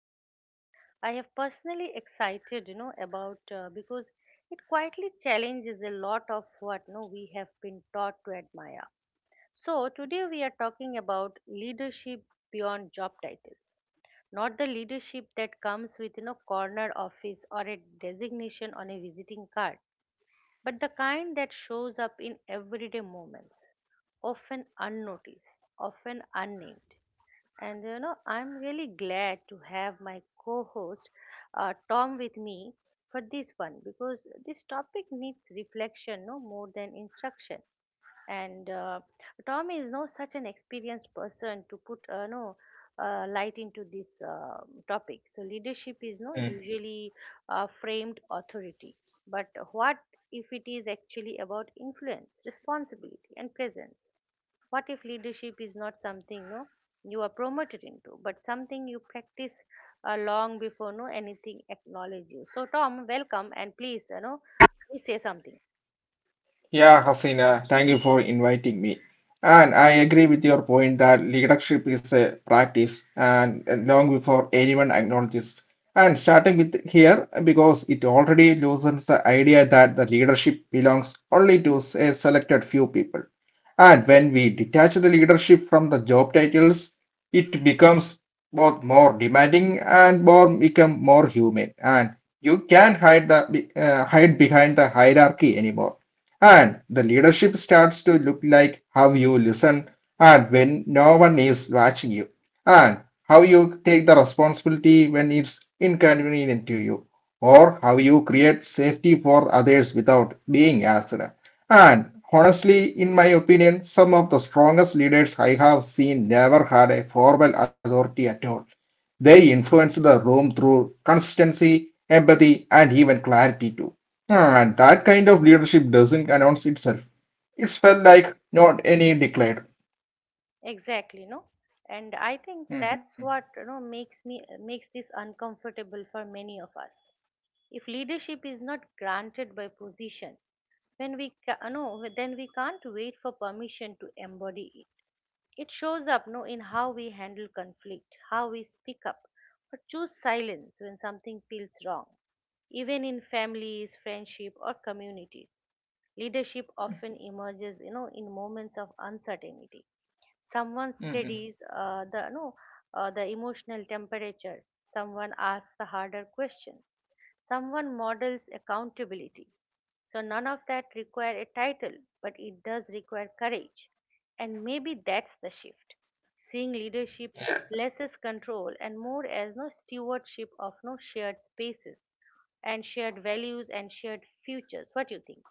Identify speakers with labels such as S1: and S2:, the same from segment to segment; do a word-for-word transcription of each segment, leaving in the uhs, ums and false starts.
S1: is one I have personally excited, you know, about, uh, because it quietly challenges a lot of what no we have been taught to admire. So today we are talking about leadership beyond job titles, not the leadership that comes with you know corner office or a designation on a visiting card, but the kind that shows up in everyday moments, often unnoticed, often unnamed, and you know, I'm really glad to have my co host, uh, Tom, with me for this one because this topic needs reflection no more than instruction. And uh, Tom is no such an experienced person to put, uh, no uh, light into this um topic. So leadership is no
S2: Mm.
S1: usually uh, framed authority, but what if it is actually about influence, responsibility, and presence? What if leadership is not something no you are promoted into, but something you practice, uh, long before no anything acknowledge you. So Tom, welcome, and please you know please say something.
S2: Yeah, Hasina, thank you for inviting me. And I agree with your point that leadership is a practice and and long before anyone acknowledges. And starting with here, because it already loosens the idea that the leadership belongs only to a selected few people. And when we detach the leadership from the job titles, it becomes both more demanding and more become more human. And you can't hide the uh, hide behind the hierarchy anymore. And the leadership starts to look like how you listen and when no one is watching you, and how you take the responsibility when it's inconvenient to you, or how you create safety for others without being asked. And honestly, in my opinion, some of the strongest leaders I have seen never had a formal authority at all. They influence the room through consistency, empathy, and even clarity too. Ah, And that kind of leadership doesn't announce itself. It's felt like not any declared.
S1: Exactly, no, and I think
S2: Mhm.
S1: that's what, you know makes me makes this uncomfortable for many of us. If leadership is not granted by position, when we ca- no then we can't wait for permission to embody it. It shows up no in how we handle conflict, how we speak up or choose silence when something feels wrong. Even in families, friendship or communities, leadership often emerges, you know, in moments of uncertainty. Someone
S2: Mhm.
S1: steadies, uh, the no uh, the emotional temperature. Someone asks the harder question. Someone models accountability. So none of that require a title, but it does require courage. And maybe that's the shift. Seeing leadership less as control and more as no stewardship of no shared spaces and shared values and shared futures. What do you think?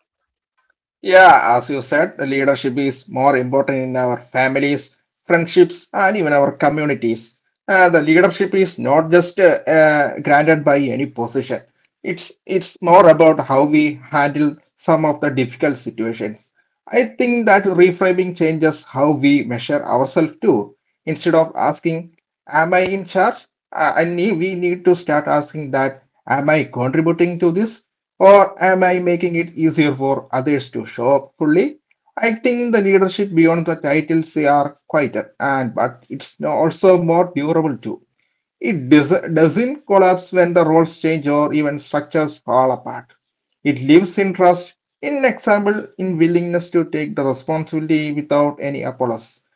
S2: Yeah, as you said, the leadership is more important in our families, friendships, and even our communities. Uh, the leadership is not just uh, uh, granted by any position. It's it's more about how we handle some of the difficult situations. I think that reframing changes how we measure ourselves too. Instead of asking, am I in charge? I I need, we need to start asking that, am I contributing to this? Or am I making it easier for others to show up fully? I think the leadership beyond the titles they are quieter and but it's also more durable too. It does, doesn't collapse when the roles change or even structures fall apart. It lives in trust, in example, in willingness to take the responsibility without any apologies.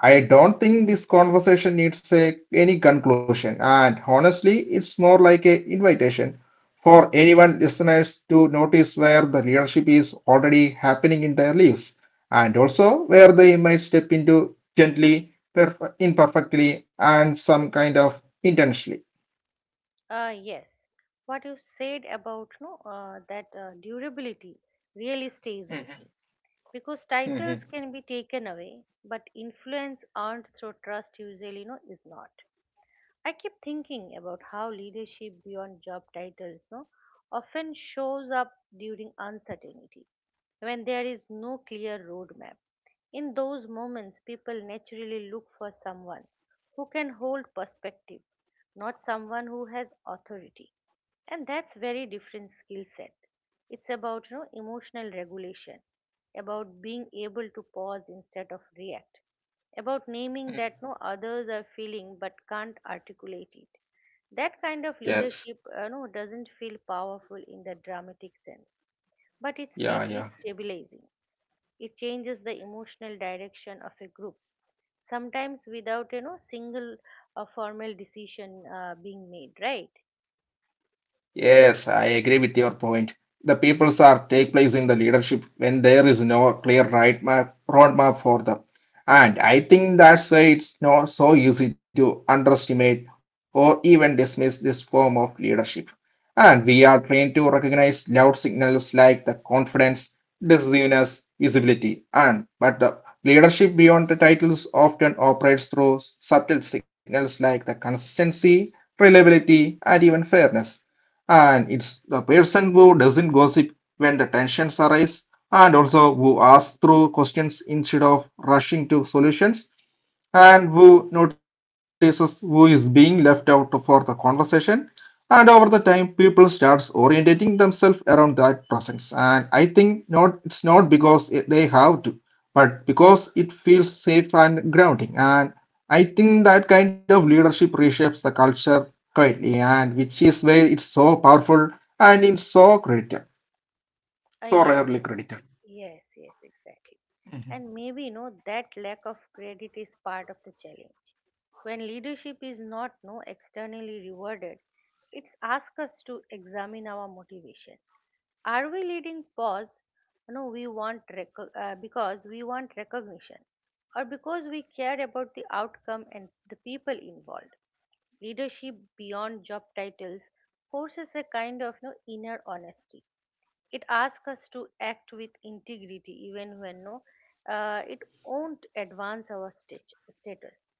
S2: I don't think this conversation needs a, any conclusion, and honestly, it's more like an invitation for anyone listeners to notice where the leadership is already happening in their lives, and also where they might step into gently perf- imperfectly and some kind of intentionally.
S1: Uh, yes. What you said about, no uh, that uh, durability really stays with me because titles can be taken away, but influence earned through trust usually no is not. I keep thinking about how leadership beyond job titles, no, often shows up during uncertainty, when there is no clear roadmap. In those moments, people naturally look for someone who can hold perspective, not someone who has authority. And that's very different skill set. It's about, you know, emotional regulation, about being able to pause instead of react, about naming that no others are feeling but can't articulate it. That kind of leadership,
S2: Yes.
S1: uh, you know, doesn't feel powerful in the dramatic sense, but it's
S2: Yeah,
S1: deeply
S2: yeah.
S1: stabilizing. It changes the emotional direction of a group, sometimes without, you know single uh, formal decision uh, being made, right?
S2: Yes, I agree with your point. The peoples are take place in the leadership when there is no clear right map, roadmap for them. And I think that's why it's not so easy to underestimate or even dismiss this form of leadership. And we are trained to recognize loud signals like the confidence, decisiveness, visibility, and but the leadership beyond the titles often operates through subtle signals like the consistency, reliability, and even fairness, and it's the person who doesn't gossip when the tensions arise, and also who asks through questions instead of rushing to solutions, and Wu notices who is being left out for the conversation. And over the time, people starts orientating themselves around that presence. And I think not it's not because it- they have to, but because it feels safe and grounding. And I think that kind of leadership reshapes the culture quietly, and which is why it's so powerful and it's so credited,
S1: Uh,
S2: so
S1: yes.
S2: rarely credited.
S1: Yes, yes, exactly. And maybe, you know, that lack of credit is part of the challenge. When leadership is not no externally rewarded, it's asked us to examine our motivation. Are we leading pause? No, we want reco- uh, because we want recognition, or because we care about the outcome and the people involved. Leadership beyond job titles forces a kind of no inner honesty. It asks us to act with integrity even when, no uh, it won't advance our stat- status,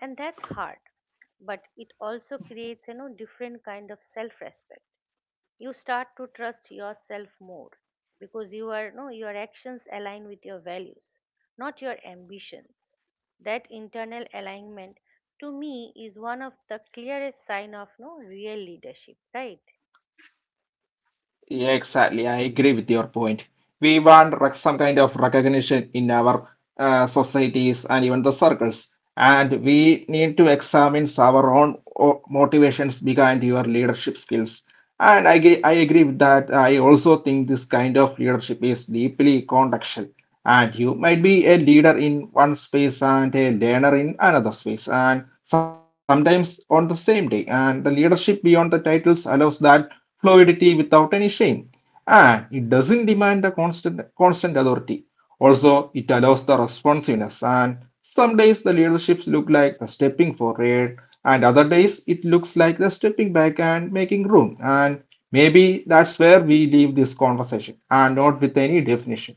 S1: and that's hard, but it also creates, you know different kind of self respect. You start to trust yourself more because you are, no your actions align with your values, not your ambitions. That internal alignment, to me, is one of the clearest sign of no real leadership, right?
S2: Yeah, exactly. I agree with your point. We want rec- some kind of recognition in our uh, societies and even the circles. And we need to examine our own o- motivations behind your leadership skills. And I, agree. I agree with that. I also think this kind of leadership is deeply contextual. And you might be a leader in one space and a learner in another space, and sometimes on the same day. And the leadership beyond the titles allows that fluidity without any shame. And it doesn't demand a constant, constant authority. Also, it allows the responsiveness. And some days the leaderships look like the stepping forward, and other days it looks like the stepping back and making room. And maybe that's where we leave this conversation, and not with any definition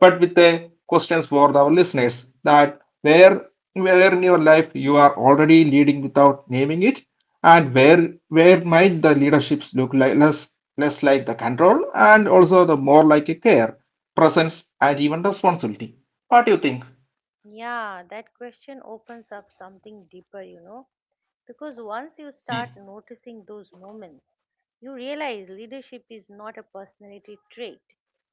S2: but with a questions for our listeners that where where in your life you are already leading without naming it, and where where might the leaderships look like less less like the control and also the more like a care, presence, and even responsibility. What do you think?
S1: Yeah, that question opens up something deeper, you know, because once you start noticing those moments, you realize leadership is not a personality trait,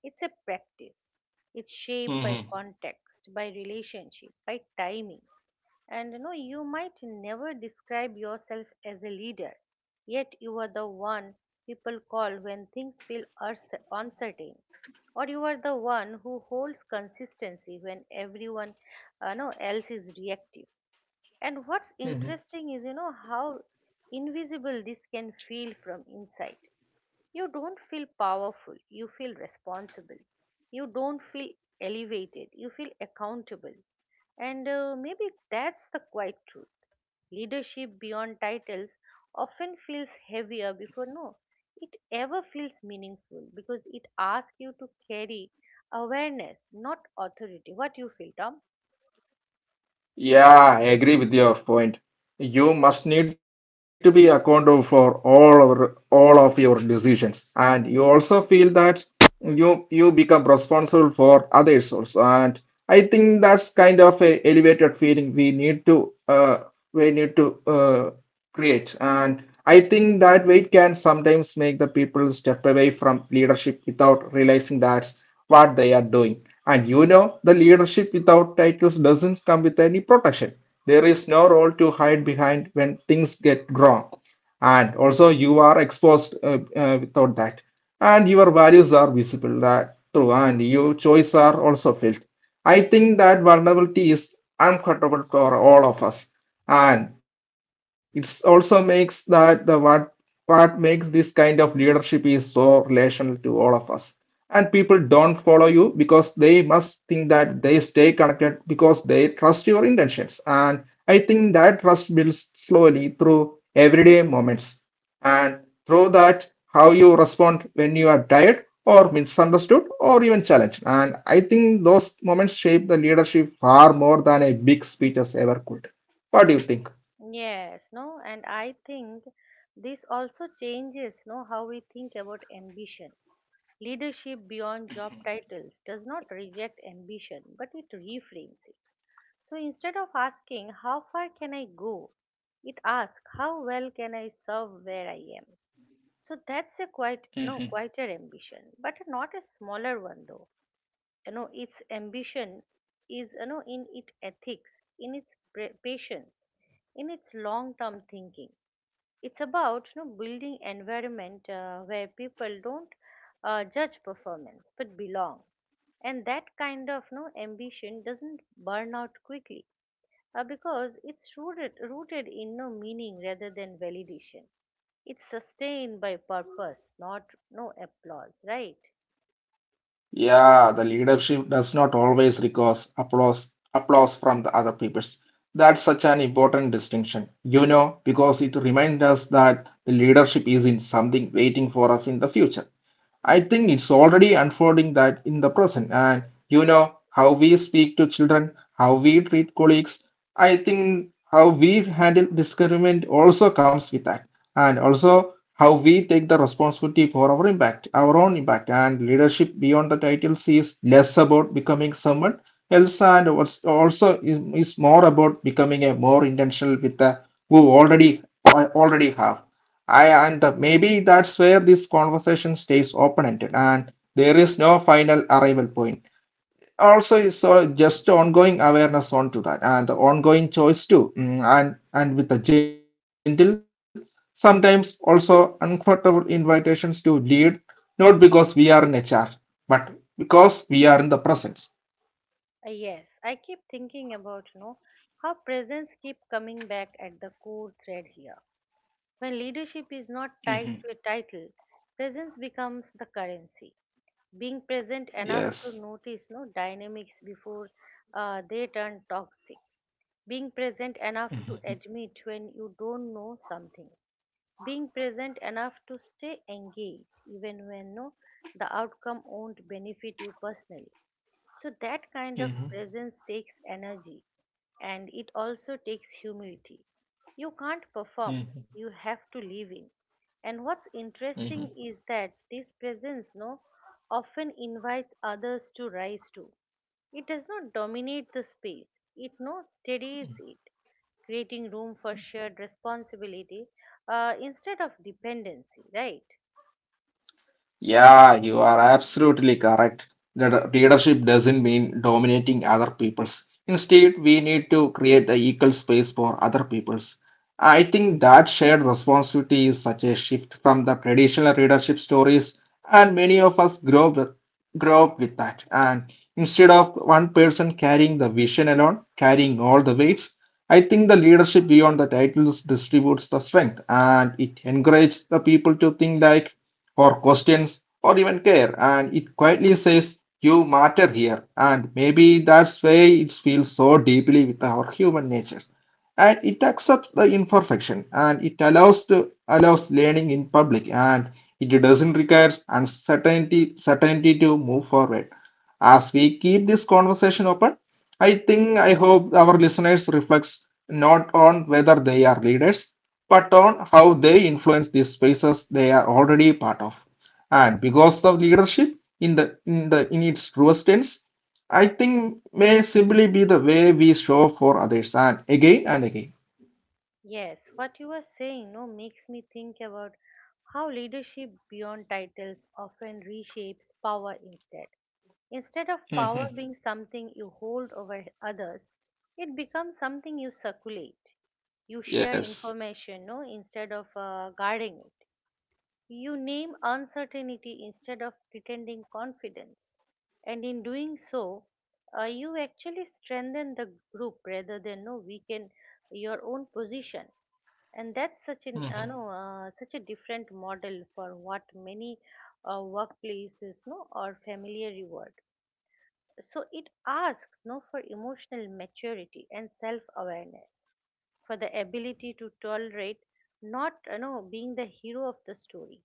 S1: it's a practice. It's shaped by
S2: Mm-hmm.
S1: context, by relationship, by timing, and you know you might never describe yourself as a leader, yet you are the one people call when things feel urs- uncertain, or you are the one who holds consistency when everyone, uh, no, else is reactive. And what's interesting is, you know how invisible this can feel from inside. You don't feel powerful, you feel responsible. You don't feel elevated, you feel accountable. And uh, maybe that's the quiet truth. Leadership beyond titles often feels heavier before no. It ever feels meaningful, because it asks you to carry awareness, not authority. What you feel, Tom?
S2: Yeah, I agree with your point. You must need to be accountable for all of all of your decisions, and you also feel that you you become responsible for others also. And I think that's kind of a elevated feeling we need to uh, we need to uh, create. And I think that weight can sometimes make the people step away from leadership without realizing that what they are doing. And you know, the leadership without titles doesn't come with any protection. There is no role to hide behind when things get wrong. And also, you are exposed uh, uh, without that. And your values are visible that through, and your choices are also felt. I think that vulnerability is uncomfortable for all of us, and it's also makes that the what what makes this kind of leadership is so relational to all of us. And people don't follow you because they must think that they stay connected because they trust your intentions. And I think that trust builds slowly through everyday moments and through that how you respond when you are tired or misunderstood or even challenged. And I think those moments shape the leadership far more than a big speeches ever could. What do you think?
S1: Yes, no, and I think this also changes no how we think about ambition. Leadership beyond job titles does not reject ambition, but it reframes it. So instead of asking, "How far can I go?" it asks, "How well can I serve where I am?" So that's a quite,
S2: Mhm.
S1: no, quieter ambition, but not a smaller one though. You know, its ambition is, you know, in its ethics, in its pre- patience, in its long term thinking. It's about, you know building environment uh, where people don't, uh, judge performance but belong, and that kind of no ambition doesn't burn out quickly, uh, because it's rooted rooted in no meaning rather than validation. It's sustained by purpose, not no applause, right?
S2: Yeah, the leadership does not always require applause applause from the other peoples. That's such an important distinction, you know, because it reminds us that the leadership isn't something waiting for us in the future. I think it's already unfolding that in the present. And you know how we speak to children, how we treat colleagues. I think how we handle discouragement also comes with that. And also how we take the responsibility for our impact, our own impact. And leadership beyond the titles is less about becoming someone else and what's also is, is more about becoming a more intentional with the who already already have. I and maybe that's where this conversation stays open-ended and there is no final arrival point. Also, so just ongoing awareness onto that and ongoing choice too. Mm, and and with a gentle, sometimes also uncomfortable invitations to lead, not because we are in a charge, but because we are in the presence.
S1: Uh, Yes, I keep thinking about, you know how presence keep coming back at the core thread here. When leadership is not tied to
S2: Mhm.
S1: a title, presence becomes the currency. Being present enough to
S2: Yes.
S1: notice no dynamics before, uh, they turn toxic. Being present enough to
S2: Mhm.
S1: admit when you don't know something. Being present enough to stay engaged even when no the outcome won't benefit you personally. So that kind of
S2: Mhm.
S1: presence takes energy, and it also takes humility. You can't perform,
S2: Mhm.
S1: you have to live in. And what's interesting
S2: Mhm.
S1: is that this presence no often invites others to rise too. It does not dominate the space, it no steadies it, creating room for shared responsibility uh, instead of dependency, right?
S2: Yeah, you are absolutely correct. That leadership doesn't mean dominating other peoples. Instead, we need to create the equal space for other peoples. I think that shared responsibility is such a shift from the traditional leadership stories, and many of us grow up, grow up with that. And instead of one person carrying the vision alone, carrying all the weights, I think the leadership beyond the titles distributes the strength, and it encourages the people to think like or questions or even care, and it quietly says you matter here. And maybe that's why it feels so deeply with our human nature, and it accepts the imperfection, and it allows to allows learning in public, and it doesn't require uncertainty certainty to move forward. As we keep this conversation open, i think I hope our listeners reflects not on whether they are leaders but on how they influence the spaces they are already part of. And because of leadership in the in the in its truest sense, I think may simply be the way we show up for others and again and again.
S1: Yes, what you are saying no makes me think about how leadership beyond titles often reshapes power instead. Instead of power
S2: Mhm.
S1: being something you hold over others, it becomes something you circulate. You share
S2: Yes.
S1: information, no, instead of uh, guarding it. You name uncertainty instead of pretending confidence, and in doing so, uh, you actually strengthen the group rather than no weaken your own position. And that's such an, uh, no, uh, such a different model for what many uh, workplaces no or familiar reward. So it asks no for emotional maturity and self awareness, for the ability to tolerate not, you know being the hero of the story,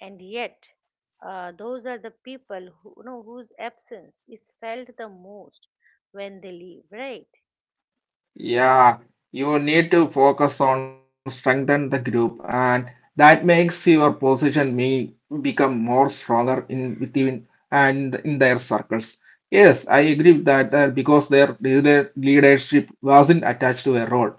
S1: and yet uh, those are the people who, you know whose absence is felt the most when they leave, right?
S2: Yeah, you need to focus on strengthen the group, and that makes your position may become more stronger in within and in their circles. Yes, I agree with that uh, because their leader- leadership wasn't attached to a role,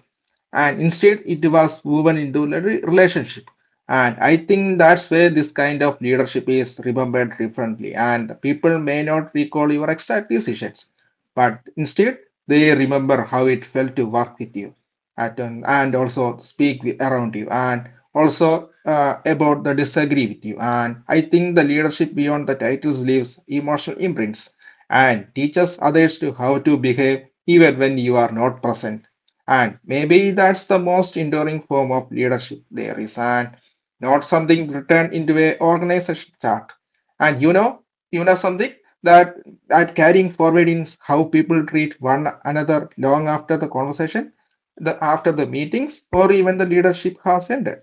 S2: and instead it was woven into a re- relationship. And I think that's where this kind of leadership is remembered differently, and people may not recall your exact decisions but instead, they remember how it felt to work with you at an, and also speak with, around you and also uh, about the disagree with you. And I think the leadership beyond the titles leaves emotional imprints and teaches others to how to behave even when you are not present. And maybe that's the most enduring form of leadership there is, and not something written into a organization chart. And you know, you know something that that carrying forward in how people treat one another long after the conversation, the after the meetings, or even the leadership has ended.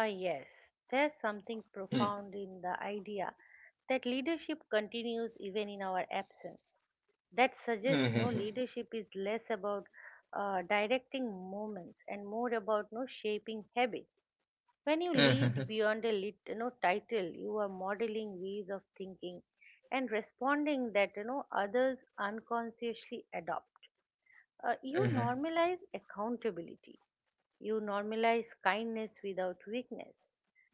S1: Ah, yes. There's something
S2: Mm-hmm.
S1: profound in the idea that leadership continues even in our absence. That suggests no
S2: Mm-hmm.
S1: leadership is less about uh, directing moments and more about no shaping habits. When you lead
S2: Mm-hmm.
S1: beyond a lit, you know, title, you are modeling ways of thinking and responding that, you know others unconsciously adopt. Uh, you normalize accountability. You normalize kindness without weakness,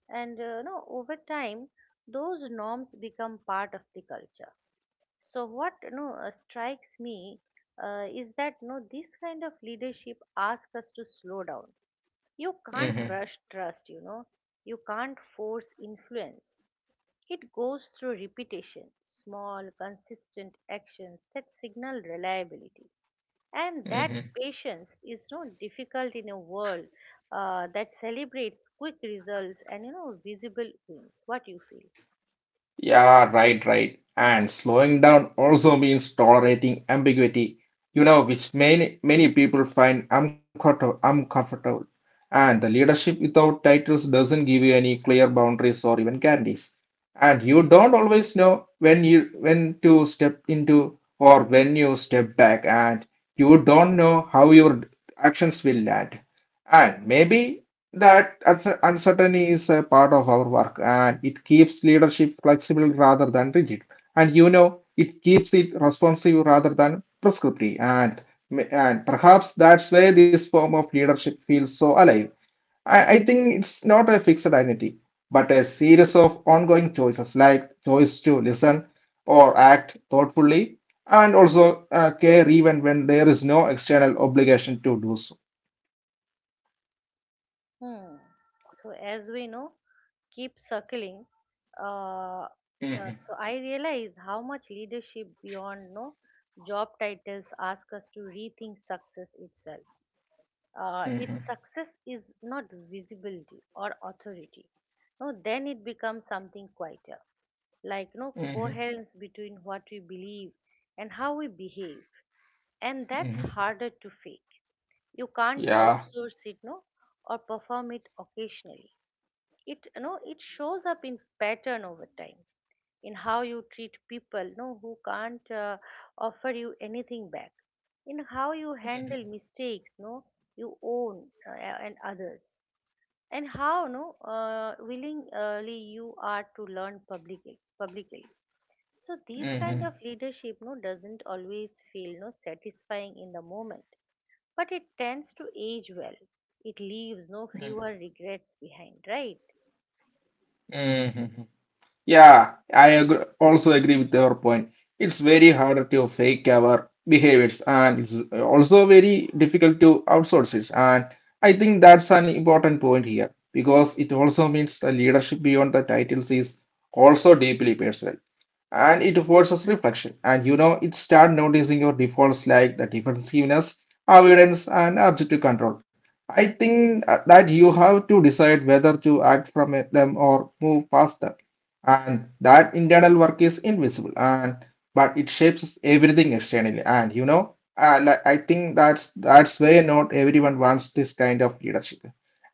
S1: and, uh, you know over time those norms become part of the culture. So what, you know uh, strikes me, uh, is that, you know this kind of leadership asks us to slow down. You can't
S2: Mm-hmm.
S1: rush trust, you know you can't force influence, it goes through repetition, small consistent actions that signal reliability. And that
S2: Mm-hmm.
S1: patience is so difficult in a world uh, that celebrates quick results and, you know visible wins. What you feel?
S2: Yeah, right, right. And slowing down also means tolerating ambiguity, you know, which many many people find uncomfort- uncomfortable. And the leadership without titles doesn't give you any clear boundaries or even guarantees. And you don't always know when you when to step into or when you step back, and you don't know how your actions will land. And maybe that uncer- uncertainty is a part of our work, and it keeps leadership flexible rather than rigid. And you know, it keeps it responsive rather than prescriptive. And, and perhaps that's why this form of leadership feels so alive. I, I think it's not a fixed identity, but a series of ongoing choices like choice to listen or act thoughtfully and also uh, care even when there is no external obligation to do so.
S1: Hmm. So as we know, keep circling. Uh,
S2: Mm-hmm,
S1: uh, so I realize how much leadership beyond no job titles ask us to rethink success itself. Uh,
S2: mm-hmm,
S1: its success is not visibility or authority. No, then it becomes something quieter, like no
S2: mm-hmm,
S1: coherence between what we believe and how we behave, and that's harder to fake. You can't
S2: yeah.
S1: outsource it, no, or perform it occasionally. It, you know it shows up in pattern over time, in how you treat people, you know, who can't, uh, offer you anything back, in how you
S2: Mm-hmm.
S1: handle mistakes no you own, uh, and others, and how, no uh, willingly you are to learn publicly publicly. So this kind
S2: Mm-hmm.
S1: of leadership no doesn't always feel no satisfying in the moment, but it tends to age well. It leaves no fewer regrets behind, right?
S2: Mm-hmm. Yeah, I agree, also agree with your point. It's very hard to fake our behaviors and it's also very difficult to outsource it. And I think that's an important point here because it also means the leadership beyond the titles is also deeply personal and it forces reflection. And you know, it start noticing your defaults like the defensiveness, avoidance, and objective control. I think uh, that you have to decide whether to act from it- them or move past them, and that internal work is invisible and but it shapes everything externally. And you know and i I think that's that's why not everyone wants this kind of leadership,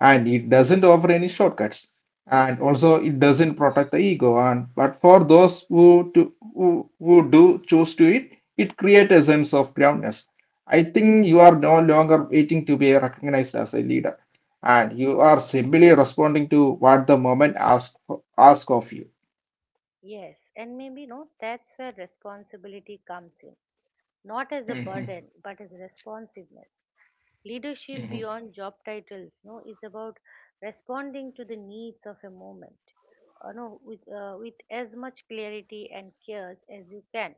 S2: and it doesn't offer any shortcuts, and also it doesn't protect the ego. And but for those who to who, who do choose to it, it creates a sense of groundness. I think you are no longer waiting to be recognized as a leader, and you are simply responding to what the moment asks ask ask of you.
S1: Yes, and maybe, no, that's where responsibility comes in. Not as a burden,
S2: Mhm,
S1: but as responsiveness. Leadership
S2: mhm,
S1: beyond job titles, no, is about responding to the needs of a moment, uh, no, with uh, with as much clarity and cares as you can.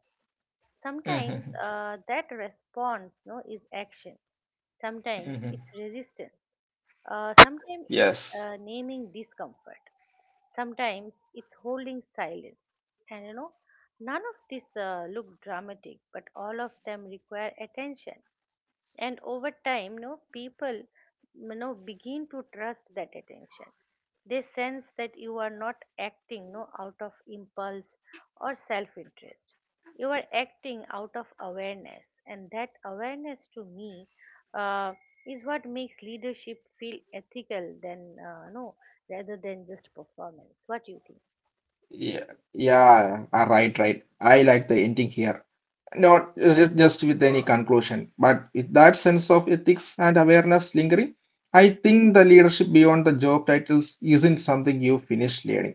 S1: Sometimes uh,
S2: mhm,
S1: that response, no, is action. Sometimes it's
S2: mhm.
S1: resistance. Uh, sometimes it's,
S2: Yes.
S1: uh, naming discomfort. Sometimes it's holding silence. And, you know, none of this uh, look dramatic, but all of them require attention. And over time no people, you know begin to trust that attention. They sense that you are not acting no out of impulse or self interest, you are acting out of awareness. And that awareness, to me, uh, is what makes leadership feel ethical than, uh, no rather than just performance. What do you think?
S2: Yeah. Yeah. Ah, right. Right. I like the ending here. Not just, just with any conclusion, but with that sense of ethics and awareness lingering, I think the leadership beyond the job titles isn't something you finish learning.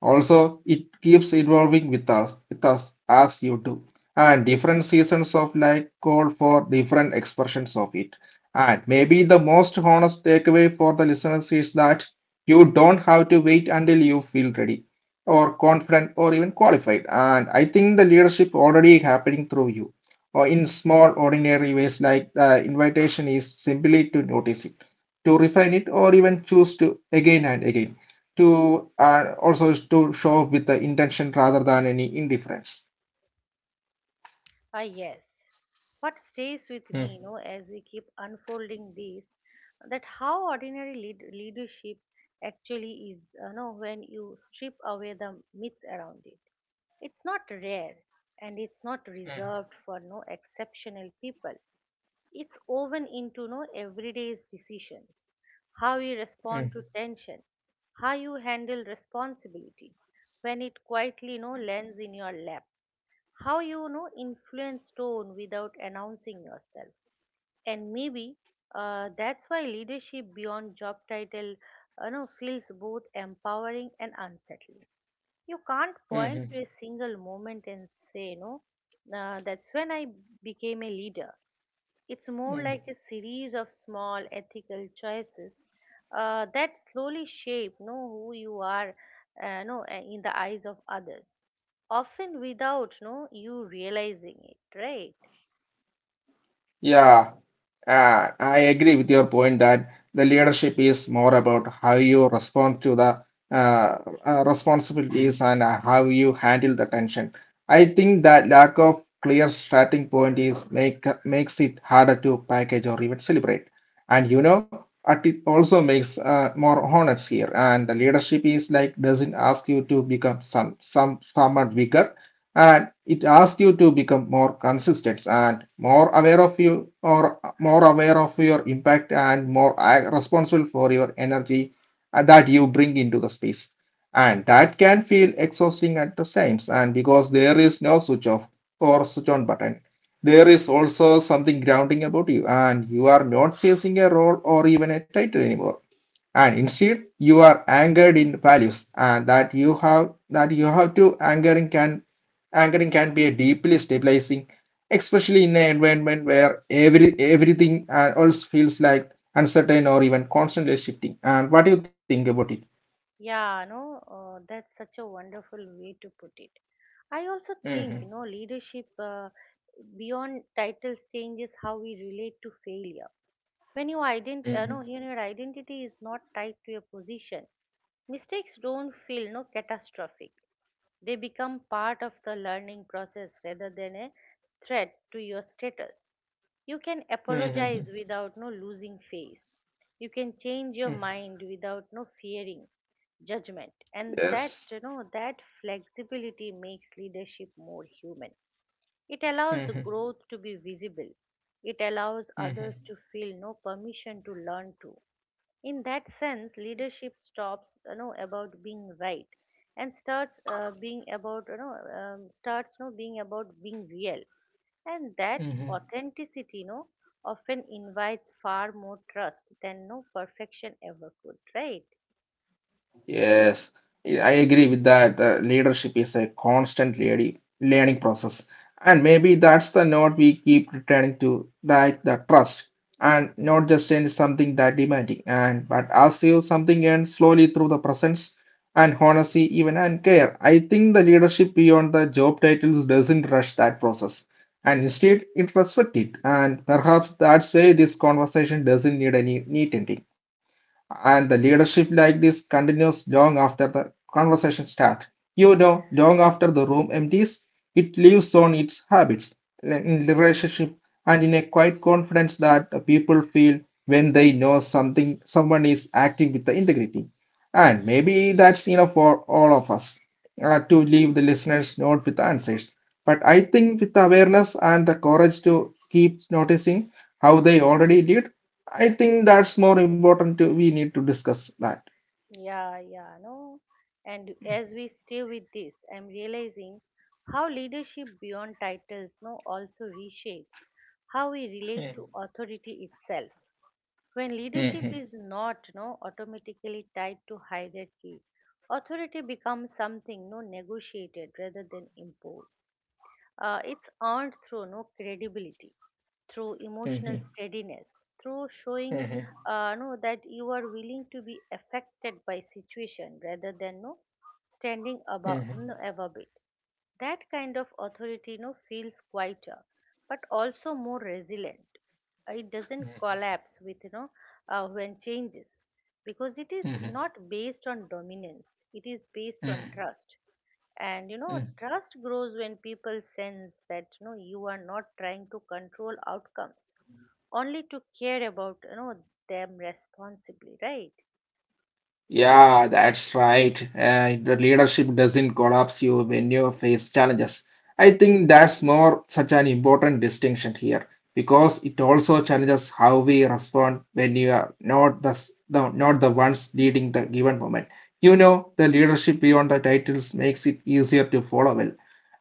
S2: Also, it keeps evolving with us, with us as you do. And different seasons of life call for different expressions of it. And maybe the most honest takeaway for the listeners is that you don't have to wait until you feel ready or confident or even qualified. And I think the leadership already happening through you or in small ordinary ways, like the invitation is simply to notice it, to refine it, or even choose to again and again, to uh, also to show with the intention rather than any indifference.
S1: Ah, yes. What stays with me,
S2: Mm,
S1: you know, as we keep unfolding this, that how ordinary lead- leadership actually is, you know, when you strip away the myths around it. It's not rare, and it's not
S2: mm,
S1: reserved for no exceptional people. It's woven into no everyday's decisions, how you
S2: mm,
S1: respond to tension, how you handle responsibility when it quietly no lands in your lap, how you know influence tone without announcing yourself. And maybe uh, that's why leadership beyond job title uh, you know feels both empowering and unsettling. You can't point
S2: mhm,
S1: to a single moment and say no, uh, that's when I became a leader. It's more
S2: mm.
S1: like a series of small ethical choices uh, that slowly shape know who you are, uh, know, uh, in the eyes of others, often without know you realizing it, right?
S2: Yeah, uh, I agree with your point that the leadership is more about how you respond to the uh, uh, responsibilities, and uh, how you handle the tension. I think that lack of clear starting point is make makes it harder to package or even celebrate. And you know, at it also makes uh, more honors here. And the leadership is like doesn't ask you to become some some someone bigger, and it asks you to become more consistent and more aware of you, or more aware of your impact, and more responsible for your energy uh, that you bring into the space. And that can feel exhausting at the times, and because there is no switch off or switch on button, there is also something grounding about you, and you are not chasing a role or even a title anymore, and instead you are anchored in values. And that you have that you have to anchoring can anchoring can be a deeply stabilizing, especially in an environment where every everything uh, else feels like uncertain or even constantly shifting. And what do you think about it?
S1: Yeah, no, uh, that's such a wonderful way to put it. I also
S2: Mhm,
S1: think, you know, leadership, uh, beyond titles, changes how we relate to failure. When you ident- uh, no,
S2: mhm,
S1: you know, your identity is not tied to a position. Mistakes don't feel no catastrophic. They become part of the learning process rather than a threat to your status. You can
S2: mhm, mhm,
S1: apologize without no losing face. You can change your
S2: mhm,
S1: mind without no fearing judgment. And
S2: yes,
S1: that, you know, that flexibility makes leadership more human. It allows
S2: mhm,
S1: growth to be visible. It allows
S2: mhm,
S1: others to feel no permission to learn too. In that sense, leadership stops you know about being right and starts uh, being about you know um, starts you know, being about being real. And that
S2: mhm.
S1: authenticity, you know, often invites far more trust than no perfection ever could. Right?
S2: Yes. Yeah, I agree with that. Uh, leadership is a constant learning learning process, and maybe that's the note we keep returning to, like the trust, and not just in something that demanding, and but as you something and slowly through the presence and honesty, even and care. I think the leadership beyond the job titles doesn't rush that process, and instead it respects it, and perhaps that's why this conversation doesn't need any neat ending. And the leadership like this continues long after the conversation starts. You know, long after the room empties, it lives on its habits, in the relationship, and in a quiet confidence that the people feel when they know something, someone is acting with the integrity. And maybe that's enough for all of us uh, to leave the listeners not with answers, but I think with awareness and the courage to keep noticing how they already did. I think that's more important. To, we need to discuss that.
S1: Yeah, yeah, no. And as we stay with this, I'm realizing how leadership beyond titles no also reshapes how we relate to authority itself. When leadership is not, you know, automatically tied to hierarchy, authority becomes something, you know, negotiated rather than imposed. Uh, it's earned through no credibility, through
S2: Mhm,
S1: emotional steadiness, through showing
S2: mhm,
S1: uh, no that you are willing to be affected by situation rather than no standing above,
S2: mhm,
S1: no, above it. That kind of authority no feels quieter, but also more resilient. Uh, It doesn't collapse with, you know, uh, when changes, because it is
S2: mhm,
S1: not based on dominance. It is based on
S2: mhm,
S1: trust. And, you know,
S2: mhm.
S1: trust grows when people sense that, you know, you are not trying to control outcomes, only to care about, you know, them responsibly, right?
S2: Yeah, that's right. Uh, the leadership doesn't collapse you when you face challenges. I think that's more such an important distinction here, because it also challenges how we respond when you are not the, s- the not the ones leading the given moment. You know, the leadership beyond the titles makes it easier to follow well,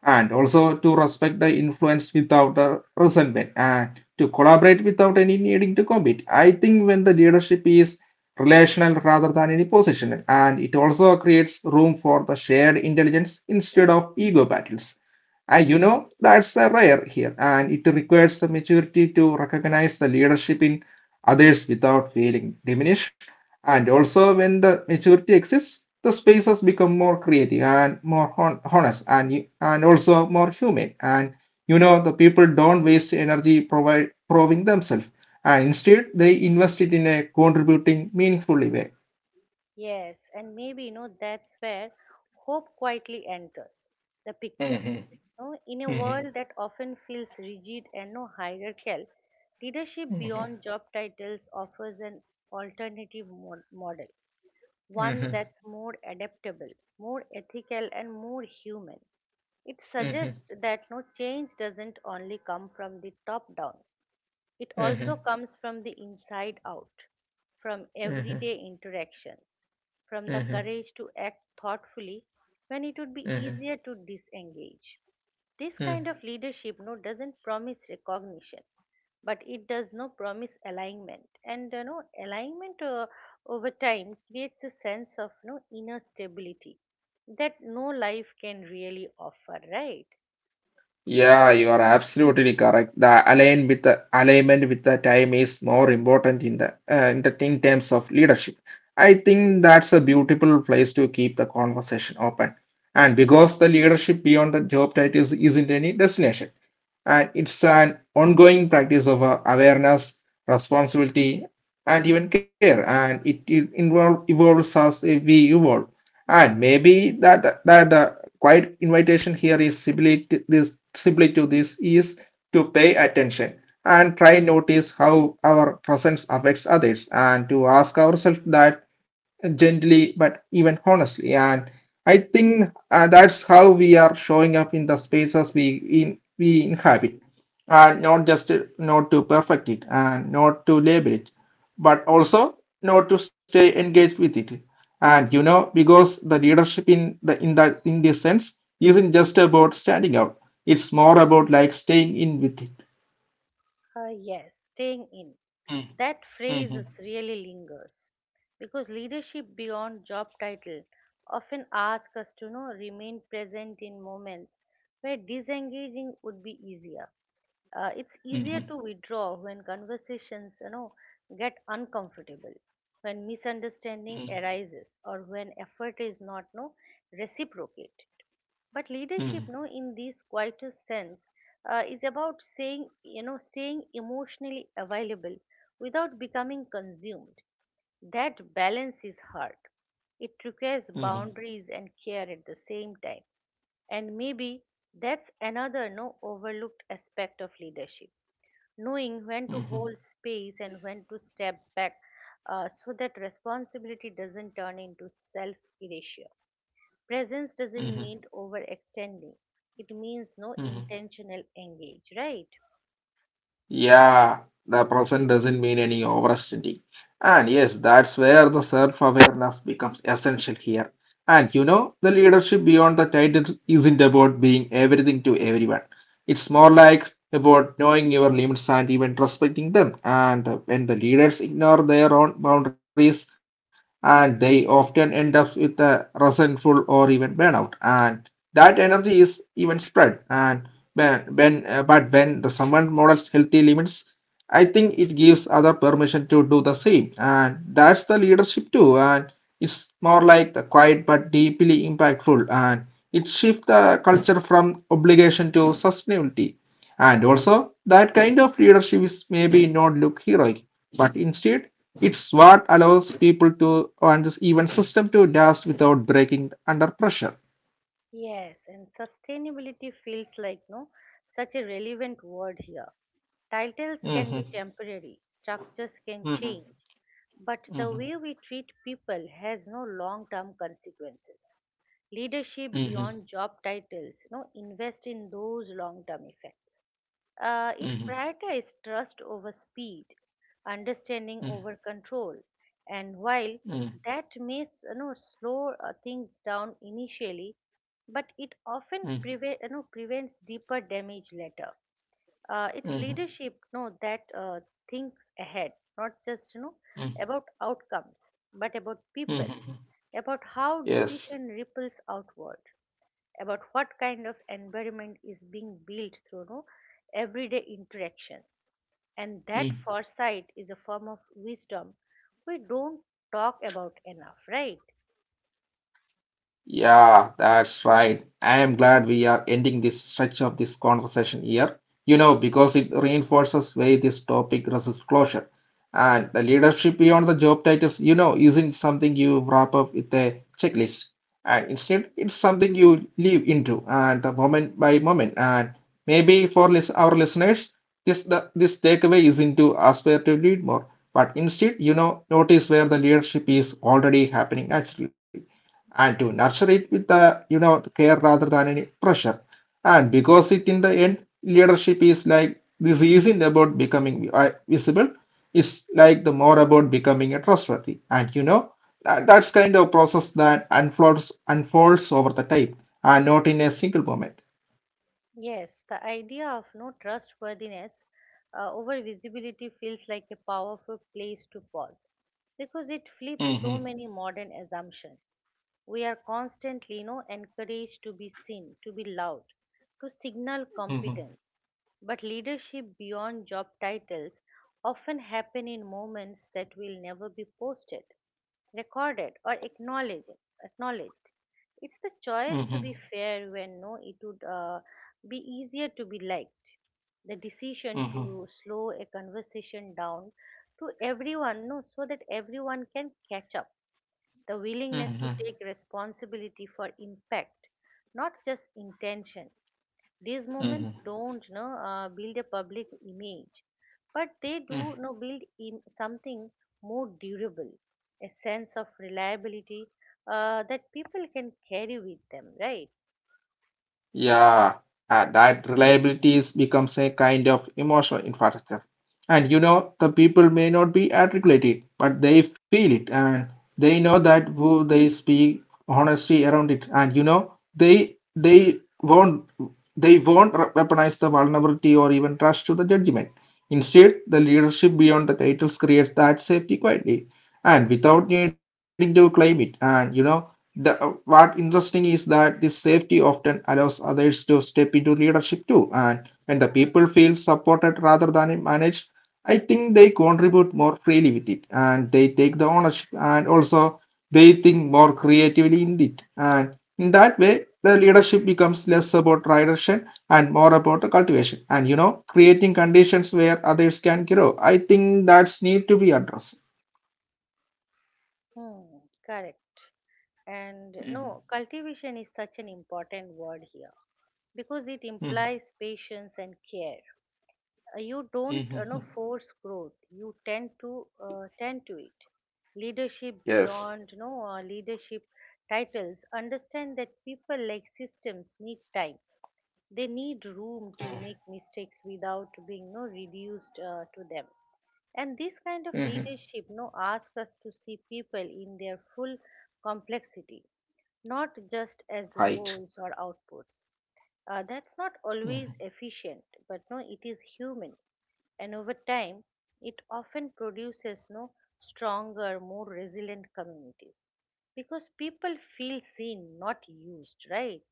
S2: and also to respect the influence without uh, resentment, and to collaborate without any needing to compete. I think when the leadership is relational rather than any positional, and it also creates room for the shared intelligence instead of ego battles. And you know, that's uh, rare here, and it requires the maturity to recognize the leadership in others without feeling diminished. And also, when the maturity exists, the spaces become more creative and more hon- honest, and, and also more humane. And you know, the people don't waste energy provide, proving themselves, and instead, they invest it in a contributing, meaningfully way.
S1: Yes, and maybe, you know, that's where hope quietly enters the picture.
S2: Mm-hmm.
S1: You know, in a
S2: Mm-hmm.
S1: world that often feels rigid and you no hierarchical, leadership beyond
S2: Mm-hmm.
S1: job titles offers an alternative mod- model, one
S2: Hmm,
S1: that's more adaptable, more ethical and more human. It suggests that no change doesn't only come from the top down, it also
S2: hmm,
S1: comes from the inside out, from everyday interactions, from the courage to act thoughtfully when it would be
S2: hmm, hmm.
S1: easier to disengage. This kind of leadership no doesn't promise recognition, but it does no promise alignment. And, you know, alignment uh, over time creates a sense of no inner stability that no life can really offer, right?
S2: Yeah, you are absolutely correct. The align with the alignment with the time is more important in the uh, in the in terms of leadership. I think that's a beautiful place to keep the conversation open. And because the leadership beyond the job titles isn't any destination, and it's an ongoing practice of uh, awareness, responsibility, and even care. And it, it involve, evolves as we evolve. And maybe that that the quiet invitation here is simply to this simply to this is to pay attention, and try notice how our presence affects others, and to ask ourselves that gently but even honestly. And I think uh, that's how we are showing up in the spaces we in we inhabit, and not just to, not to perfect it and not to label it, but also not to stay engaged with it. And you know, because the leadership in the in that in this sense isn't just about standing out. It's more about like staying in with it.
S1: Uh, yes, staying in.
S2: Mm,
S1: That phrase
S2: mhm,
S1: is really lingers because leadership beyond job title often asks us to, you know, remain present in moments where disengaging would be easier. Uh, it's
S2: mhm,
S1: easier to withdraw when conversations, you know, get uncomfortable, when
S2: mhm,
S1: misunderstanding arises, or when effort is not no reciprocate, but leadership
S2: mhm,
S1: no in this quieter sense uh, is about saying, you know, staying emotionally available without becoming consumed. That balance is hard. It requires
S2: mhm,
S1: boundaries and care at the same time. And maybe that's another no overlooked aspect of leadership, knowing when to
S2: mhm,
S1: hold space and when to step back, uh, so that responsibility doesn't turn into self erasure. Presence doesn't
S2: mhm,
S1: mean overextending. It means no
S2: mhm.
S1: intentional engage, right?
S2: Yeah, the present doesn't mean any overextending. And yes, that's where the self-awareness becomes essential here. And you know, the leadership beyond the title isn't about being everything to everyone. It's more like about knowing your limits and even respecting them. And when the leaders ignore their own boundaries, and they often end up with a resentful or even burnout. And that energy is even spread. And when, when uh, but when the someone models healthy limits, I think it gives other permission to do the same. And that's the leadership too. And it's more like the quiet but deeply impactful. And it shifts the culture from obligation to sustainability. And also, that kind of leadership is maybe not look heroic, but instead, it's what allows people to and this even system to last without breaking under pressure.
S1: Yes, and sustainability feels like no such a relevant word here. Titles can be
S2: Mhm,
S1: temporary, structures can
S2: mhm,
S1: change, but the way
S2: mhm,
S1: we treat people has no long term consequences. Leadership
S2: mhm,
S1: beyond job titles, you know, invest in those long term effects. Uh, it
S2: mhm, mhm,
S1: prioritizes trust over speed, understanding over control, and while
S2: mhm,
S1: that may s- you know slow uh, things down initially, but it often
S2: mhm,
S1: prevent, you know, prevents deeper damage later. Uh, it's
S2: mhm,
S1: leadership, no, that uh, thinks ahead, not just, you know, about
S2: mhm,
S1: outcomes, but about people,
S2: mhm,
S1: about how decision
S2: yes.
S1: ripples outward, about what kind of environment is being built through no everyday interactions. And that foresight is a form of wisdom we don't talk about enough, right?
S2: Yeah, that's right. I am glad we are ending this stretch of this conversation here. You know, because it reinforces why this topic resists closure. And the leadership beyond the job titles, you know, isn't something you wrap up with a checklist. And instead, it's something you live into and the moment by moment. And maybe for lis- our listeners, this the, this takeaway isn't to aspire to lead more, but instead, you know, notice where the leadership is already happening naturally, and to nurture it with the you know care rather than any pressure. And because it in the end leadership is like this isn't about becoming vi- uh, visible, it's like the more about becoming a trustworthy. And you know, that, that's kind of process that unfolds unfolds over the time, and not in a single moment.
S1: Yes, the idea of no trustworthiness uh, over visibility feels like a powerful place to pause because it flips
S2: Mm-hmm.
S1: so many modern assumptions. We are constantly, you know, encouraged to be seen, to be loud, to signal
S2: Mm-hmm.
S1: competence. But leadership beyond job titles often happen in moments that will never be posted, recorded, or acknowledged. Acknowledged. It's the choice to
S2: Mm-hmm.
S1: be fair when no, it would. Uh, be easier to be liked. The decision
S2: Mm-hmm.
S1: to slow a conversation down to everyone, no, so that everyone can catch up. The willingness to
S2: Mm-hmm.
S1: take responsibility for impact, not just intention. These movements
S2: Mm-hmm.
S1: don't no, uh, build a public image, but they do no, build Im- something more durable, a sense of reliability uh, that people can carry with them, right?
S2: Yeah, uh, that reliability is becomes a kind of emotional infrastructure. And you know, the people may not be articulated, but they feel it, and they know that who they speak honesty around it. And you know, they they won't they won't re- weaponize the vulnerability or even trust to the judgment. Instead, the leadership beyond the titles creates that safety quietly and without needing to claim it. And you know, the, uh, what interesting is that this safety often allows others to step into leadership too, and when the people feel supported rather than managed, I think they contribute more freely with it, and they take the ownership, and also they think more creatively in it, and in that way, the leadership becomes less about direction and more about the cultivation, and you know, creating conditions where others can grow. I think that's need to be addressed.
S1: Hmm, correct. And
S2: Mm-hmm.
S1: no, cultivation is such an important word here because it implies
S2: Hmm.
S1: patience and care. Uh, You don't, you know, force growth, you tend to uh, tend to it. Leadership beyond, you
S2: Yes.
S1: know, uh, leadership titles understand that people, like systems, need time. They need room to make mistakes without being no reduced uh, to them. And this kind of leadership no
S2: Hmm.
S1: asks us to see people in their full complexity, not just as roles or
S2: Right?
S1: outputs. Uh, that's not always
S2: Hmm.
S1: efficient, but no, it is human, and over time it often produces no stronger, more resilient communities because people feel seen, not used, right?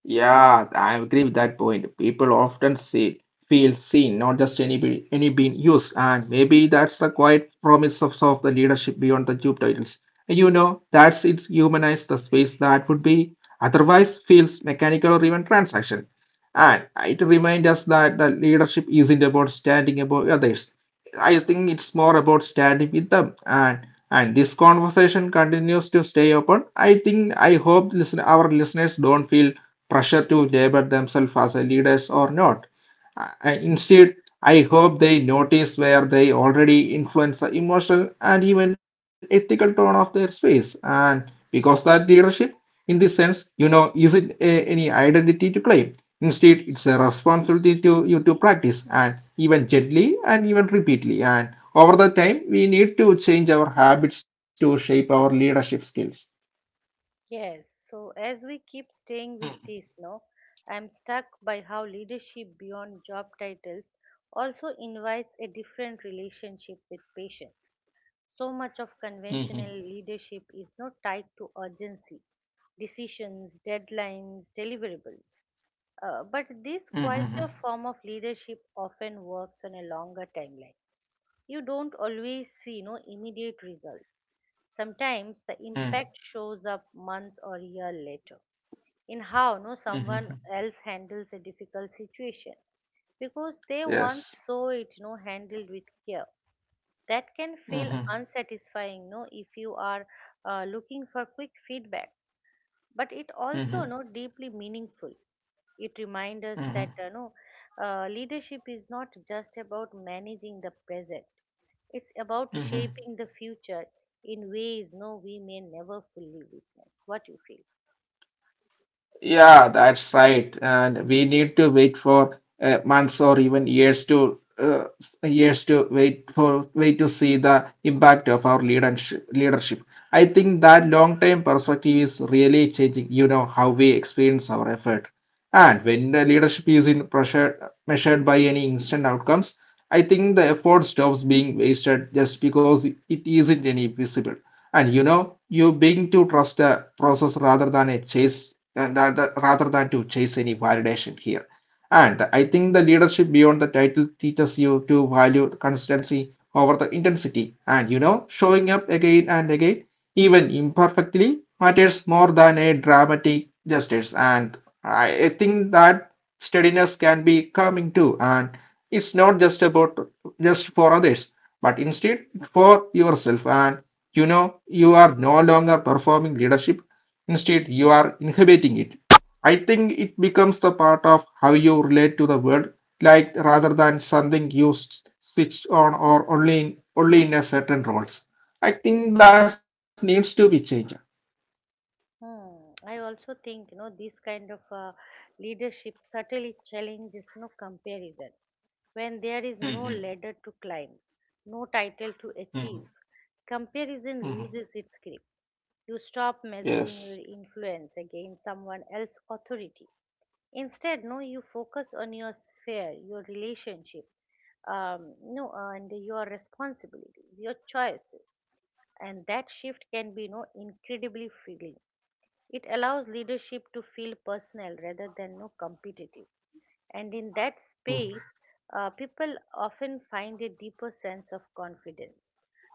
S2: Yeah, I agree with that point. People often see, feel seen, not just any be- any being used, and maybe that's the quiet promise of, of the leadership beyond the job titles. You know, that's it humanize the space that would be otherwise feels mechanical or even transaction. And it reminds us that the leadership isn't about standing above others. I think it's more about standing with them and and this conversation continues to stay open. I think I hope listen our listeners don't feel pressure to label themselves as a leaders or not. I- Instead, I hope they notice where they already influence the emotional and even ethical tone of their space. And because that leadership, in this sense, you know, isn't a, any identity to claim. Instead, it's a responsibility to you to practice and even gently and even repeatedly. And over the time, we need to change our habits to shape our leadership skills.
S1: Yes, so as we keep staying with this, no, I'm struck by how leadership beyond job titles also invites a different relationship with patience. So much of
S2: Mm-hmm.
S1: conventional leadership is not tied to urgency, decisions, deadlines, deliverables. Uh, but this
S2: Mm-hmm.
S1: quieter form of leadership often works on a longer timeline. You don't always see no immediate results. Sometimes the impact shows up months or year later in how no someone
S2: Mm-hmm.
S1: else handles a difficult situation because they
S2: Yes.
S1: once saw it no handled with care. That can feel
S2: Mm-hmm.
S1: unsatisfying no if you are uh, looking for quick feedback, but it also
S2: Mm-hmm.
S1: no deeply meaningful. It reminds us that uh, no uh, leadership is not just about managing the present, it's about
S2: Mm-hmm.
S1: shaping the future in ways no we may never fully witness. What you feel?
S2: Yeah, that's right. And we need to wait for uh, months or even years to uh, years to wait for wait to see the impact of our leadership. Leadership. I think that long-term perspective is really changing. You know how we experience our effort. And when the leadership is in pressure measured by any instant outcomes, I think the effort stops being wasted just because it isn't any visible. And you know, you begin to trust a process rather than a chase, and rather rather than to chase any validation here. And I think the leadership beyond the title teaches you to value consistency over the intensity, and you know, showing up again and again even imperfectly, matters more than a dramatic justice. And I I think that steadiness can be coming too. And it's not just about just for others, but instead for yourself. And you know, you are no longer performing leadership, instead, you are inhibiting it. I think it becomes the part of how you relate to the world, like rather than something you s- switch on or only in, only in a certain roles. I think that needs to be changed.
S1: Hmm. I also think, you know, this kind of uh, leadership subtly challenges no comparison. When there is no
S2: Mhm.
S1: ladder to climb, no title to
S2: Mhm.
S1: achieve, comparison
S2: Mhm.
S1: loses its grip. You stop measuring
S2: Yes.
S1: your influence against someone else's authority. Instead, no, you focus on your sphere, your relationship, um, no, and your responsibilities, your choices, and that shift can be no incredibly freeing. It allows leadership to feel personal rather than no competitive. And in that
S2: Mhm.
S1: space, uh, people often find a deeper sense of confidence.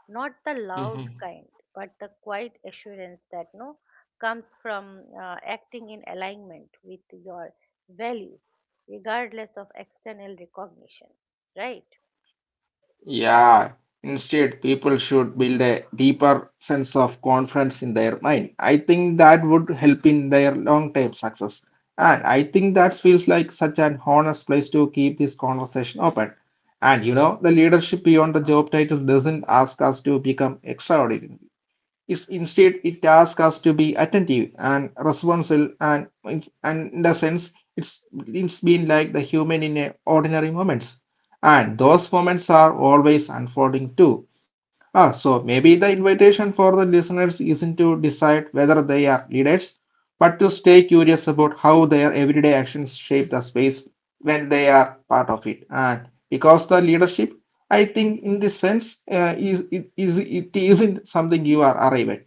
S1: Not the loud
S2: Mhm.
S1: kind, but the quiet assurance that no comes from uh, acting in alignment with your values, regardless of external recognition. Right?
S2: Yeah, instead, people should build a deeper sense of confidence in their mind. I think that would help in their long-term success. And I think that feels like such an honest place to keep this conversation open. And you know, the leadership beyond the job title doesn't ask us to become extraordinary is instead it asks us to be attentive and responsible and and in the sense it's it's been like the human in a ordinary moments and those moments are always unfolding too. Ah, so maybe the invitation for the listeners isn't to decide whether they are leaders but to stay curious about how their everyday actions shape the space when they are part of it and because the leadership I think in this sense, uh, is it is it isn't something you are arrived,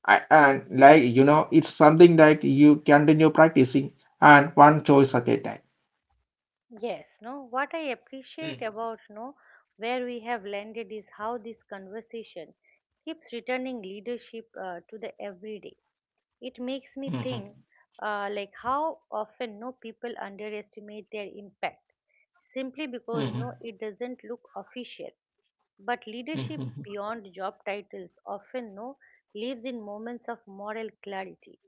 S2: I, and like you know, it's something like you continue practicing and one choice at a time.
S1: Yes, no. What I appreciate
S2: Mm-hmm.
S1: about no where we have landed is how this conversation keeps returning leadership uh, to the everyday. It makes me think uh, like how often no people underestimate their impact simply because
S2: Mm-hmm.
S1: no it doesn't look official. But leadership
S2: Mm-hmm.
S1: beyond job titles often no lives in moments of moral clarity.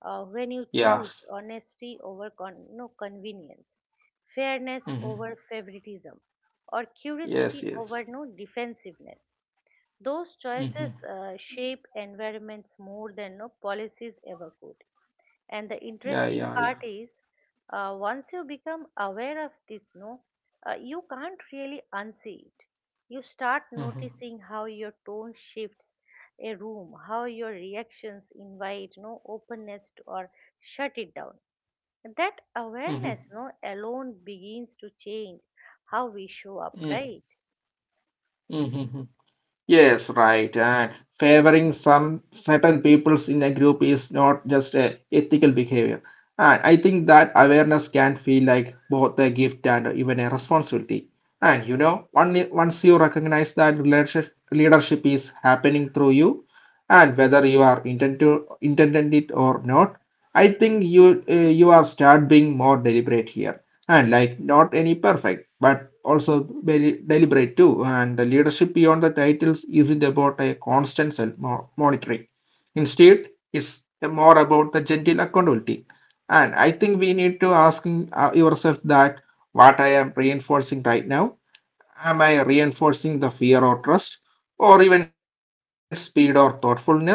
S1: Uh, when you
S2: Yes.
S1: choose honesty over con- no convenience, fairness
S2: Mm-hmm.
S1: over favoritism, or
S2: Yes,
S1: curiosity over
S2: yes.
S1: no defensiveness, those
S2: Mm-hmm.
S1: choices uh, shape environments more than no policies ever could. And the
S2: Yeah, yeah,
S1: interesting
S2: yeah.
S1: part is, uh, once you become aware of this, no, uh, you can't really unsee it. You start
S2: Mm-hmm.
S1: noticing how your tone shifts a room, how your reactions invite no openness to, or shut it down. That
S2: Mm-hmm.
S1: awareness, no, alone begins to change how we show up, right?
S2: Mm-hmm. Yes, right. And favoring some certain peoples in a group is not just a ethical behavior. And I think that awareness can feel like both a gift and even a responsibility. And you know, one, once you recognize that leadership, leadership is happening through you, and whether you are intent to, intended it or not, I think you uh, you are start being more deliberate here and like not any perfect but also very deliberate too and the leadership beyond the titles isn't about a constant self mo- monitoring instead it's more about the gentle accountability and I think we need to ask uh, yourself that what I am reinforcing right now. Am I reinforcing the fear or trust, or even speed or thoughtfulness?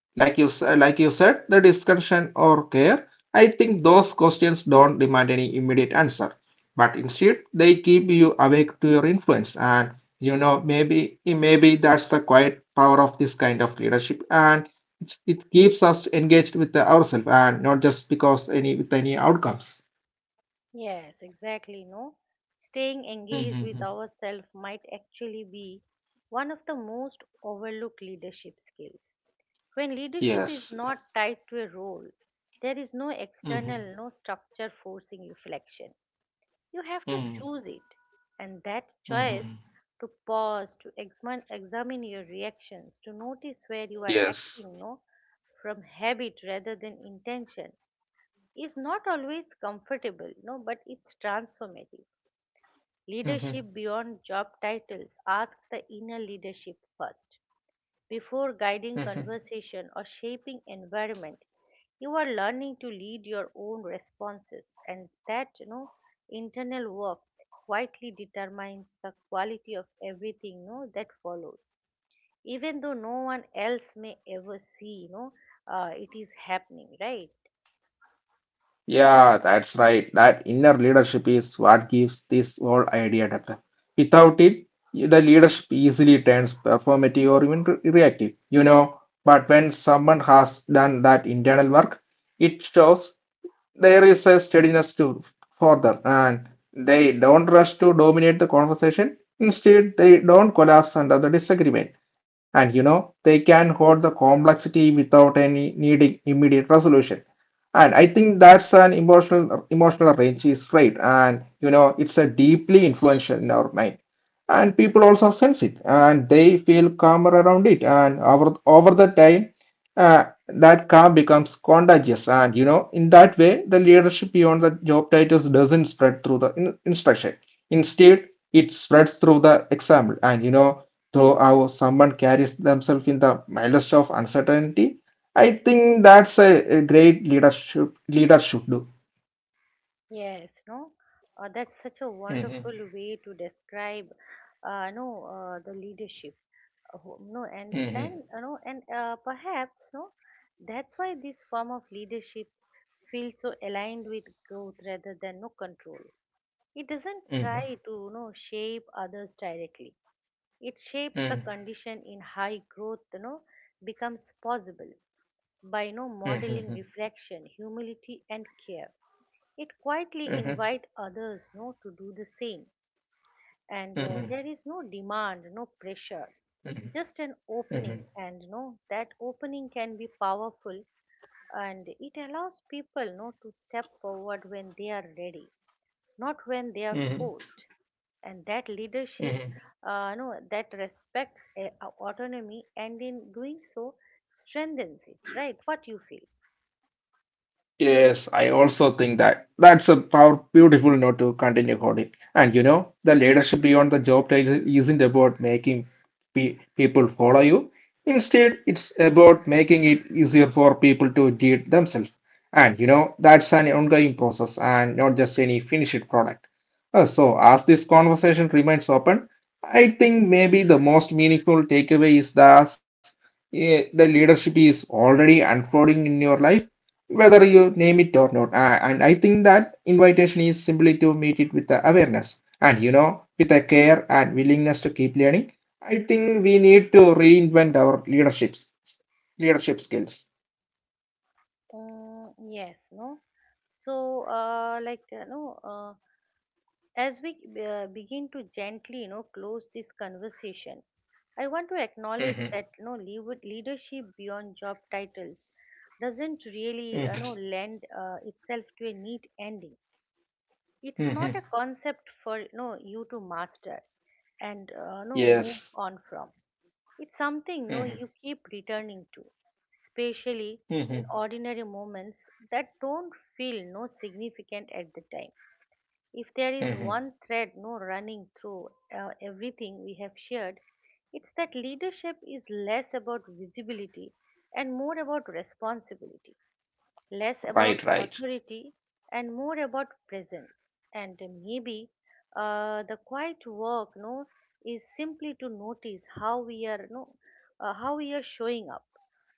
S2: Like you like you said, the discussion or care. I think those questions don't demand any immediate answer, but instead they keep you awake to your influence. And you know, maybe maybe that's the quiet power of this kind of leadership, and it, it keeps us engaged with the ourselves, and not just because any with any outcomes.
S1: Yes, exactly. No, staying engaged with ourselves
S2: Mm-hmm.
S1: might actually be one of the most overlooked leadership skills. When leadership is not tied
S2: Yes.
S1: to a role, there is no external, no
S2: Mm-hmm.
S1: structure forcing reflection. You have to choose it, and that choice to
S2: Mm-hmm.
S1: pause, to examine, examine your reactions, to notice where you are acting, no,
S2: Yes.
S1: from habit rather than intention is not always comfortable, no, but it's transformative. Leadership
S2: Mhm,
S1: beyond job titles ask the inner leadership first. Before guiding
S2: mhm.
S1: conversation or shaping environment, you are learning to lead your own responses, and that, you know, internal work quietly determines the quality of everything, you know, that follows, even though no one else may ever see, you know, uh, it is happening, right?
S2: Yeah, that's right. That inner leadership is what gives this whole idea depth. Without it, the leadership easily turns performative or even re- reactive, you know. But when someone has done that internal work, it shows there is a steadiness to further and they don't rush to dominate the conversation instead they don't collapse under the disagreement and you know they can hold the complexity without any needing immediate resolution and I think that's an emotional emotional range is right and you know it's a deeply influential in our mind and people also sense it and they feel calmer around it and over over the time uh, that calm becomes contagious and you know in that way the leadership beyond the job titles doesn't spread through the in- instruction instead it spreads through the example and you know through how someone carries themselves in the mildest of uncertainty. I think that's a, a great leadership leader should do.
S1: Yes, no, uh, that's such a
S2: Mhm,
S1: wonderful way to describe, uh, no, uh, the leadership. uh, who- No, and then,
S2: mhm,
S1: you know, and uh, perhaps, no, that's why this form of leadership feels so aligned with growth rather than no control. It doesn't try
S2: mhm,
S1: to, you know, shape others directly. It shapes the
S2: mhm,
S1: condition in high growth, you know, becomes possible by, you know,
S2: mhm,
S1: modeling
S2: mhm,
S1: reflection, humility, and care. It quietly
S2: mhm,
S1: invite others no to do the same, and uh,
S2: mhm,
S1: there is no demand no pressure,
S2: mhm,
S1: just an opening,
S2: mhm,
S1: and no that opening can be powerful. And it allows people no to step forward when they are ready, not when they are
S2: mhm,
S1: forced. And that leadership,
S2: mhm.
S1: uh, no, that respects uh, autonomy, and in doing so strengthens it, right? What you feel?
S2: Yes, I also think that that's a power, beautiful note to continue holding. And you know, the leadership beyond the job title isn't about making pe people follow you. Instead, it's about making it easier for people to do it themselves. And you know, that's an ongoing process and not just any finished product. Uh, so, as this conversation remains open, I think maybe the most meaningful takeaway is that eh, the leadership is already unfolding in your life whether you name it or not. A- And I think that invitation is simply to meet it with the awareness and, you know, with a care and willingness to keep learning. I think we need to reinvent our leaderships, leadership skills.
S1: Mm, yes, no. So, uh, like, you know, uh, as we uh, begin to gently, you know, close this conversation, I want to acknowledge
S2: Hmm.
S1: that, you know, leav- leadership beyond job titles doesn't really, you
S2: Hmm.
S1: know, lend uh, itself to a neat ending. It's
S2: Hmm.
S1: not a concept for you know you to master, and uh, no move
S2: Yes.
S1: on from. It's something no you
S2: Hmm.
S1: keep returning to, especially in
S2: Hmm.
S1: ordinary moments that don't feel no significant at the time. If there is
S2: Hmm.
S1: one thread no running through uh, everything we have shared, it's that leadership is less about visibility and more about responsibility, less
S2: Right,
S1: about
S2: right.
S1: authority and more about presence. And maybe uh, the quiet work, no, is simply to notice how we are, no, uh, how we are showing up,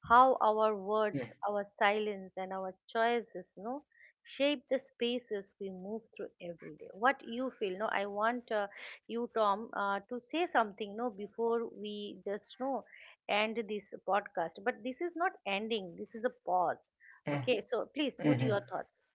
S1: how our words, our silence, and our choices, no, shape the spaces we move through every day. What you feel, no? I want uh, you, Tom, uh, to say something, no, before we just, no, end this podcast. But this is not ending. This is a pause.
S2: Hmm.
S1: Okay, so please put
S2: Hmm.
S1: your thoughts.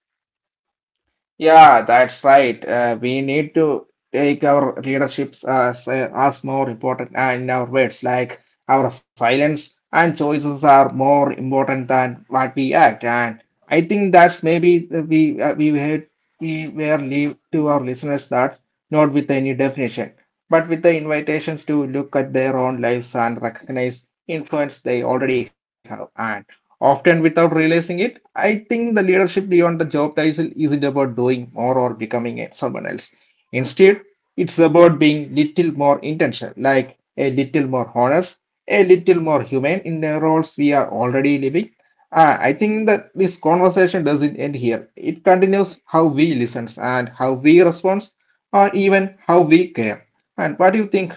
S2: Yeah, that's right. Uh, we need to take our leaderships as, uh, as more important and our words, like our silence and choices are more important than what we act. And I think that's maybe the- we uh, we had we were leave to our listeners that not with any definition, but with the invitations to look at their own lives and recognize influence they already have, and often without realizing it. I think the leadership beyond the job title isn't about doing more or becoming a- someone else. Instead, it's about being little more intentional, like a little more honest, a little more humane in the roles we are already living. Ah, I think that this conversation doesn't end here. It continues how we listen and how we respond, or even how we care. And what do you think?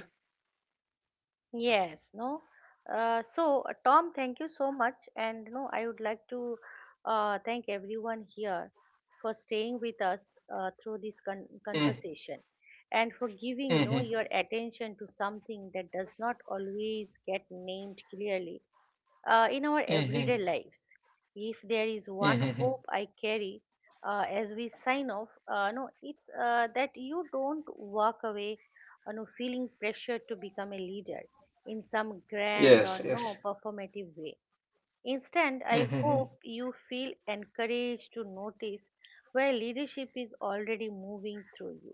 S1: Yes, no. Uh, so uh, Tom, thank you so much, and no, I would like to uh, thank everyone here for staying with us uh, through this con-
S2: Mm,
S1: conversation, and for giving no
S2: mhm,
S1: your attention to something that does not always get named clearly uh, in our
S2: mhm,
S1: everyday lives. If there is one
S2: mhm.
S1: hope I carry uh, as we sign off, uh, no, it's uh, that you don't walk away, you know, feeling pressure to become a leader in some grand or
S2: Yes,
S1: no
S2: yes.
S1: performative way. Instead, I
S2: Mhm.
S1: hope you feel encouraged to notice where leadership is already moving through you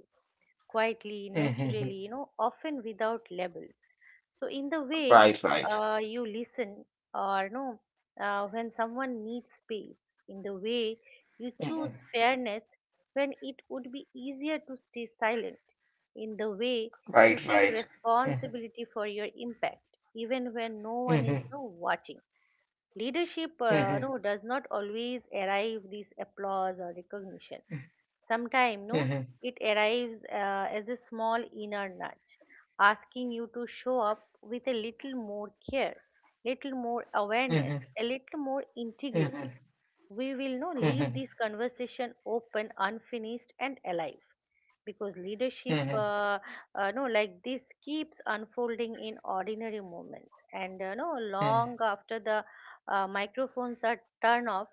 S1: quietly, naturally,
S2: Mhm.
S1: you know, often without labels. So, in the way
S2: Right, right.
S1: uh, you listen, or no, uh, when someone needs space, in the way you
S2: Mhm.
S1: choose fairness when it would be easier to stay silent, in the way you
S2: Right,
S1: take
S2: right. Mhm.
S1: responsibility for your impact, even when no one is,
S2: Mhm.
S1: no, watching. Leadership, uh,
S2: Mhm.
S1: no, does not always arrive this applause or recognition. Sometimes, no,
S2: Mhm.
S1: it arrives uh, as a small inner nudge, asking you to show up with a little more care, little more awareness,
S2: Mhm.
S1: a little more
S2: Mhm.
S1: integrity. We will no leave
S2: Mhm.
S1: this conversation open, unfinished and alive, because leadership,
S2: Mhm.
S1: uh, uh, no, like this keeps unfolding in ordinary moments and uh, no long
S2: Mhm.
S1: after the uh, microphones are turned off.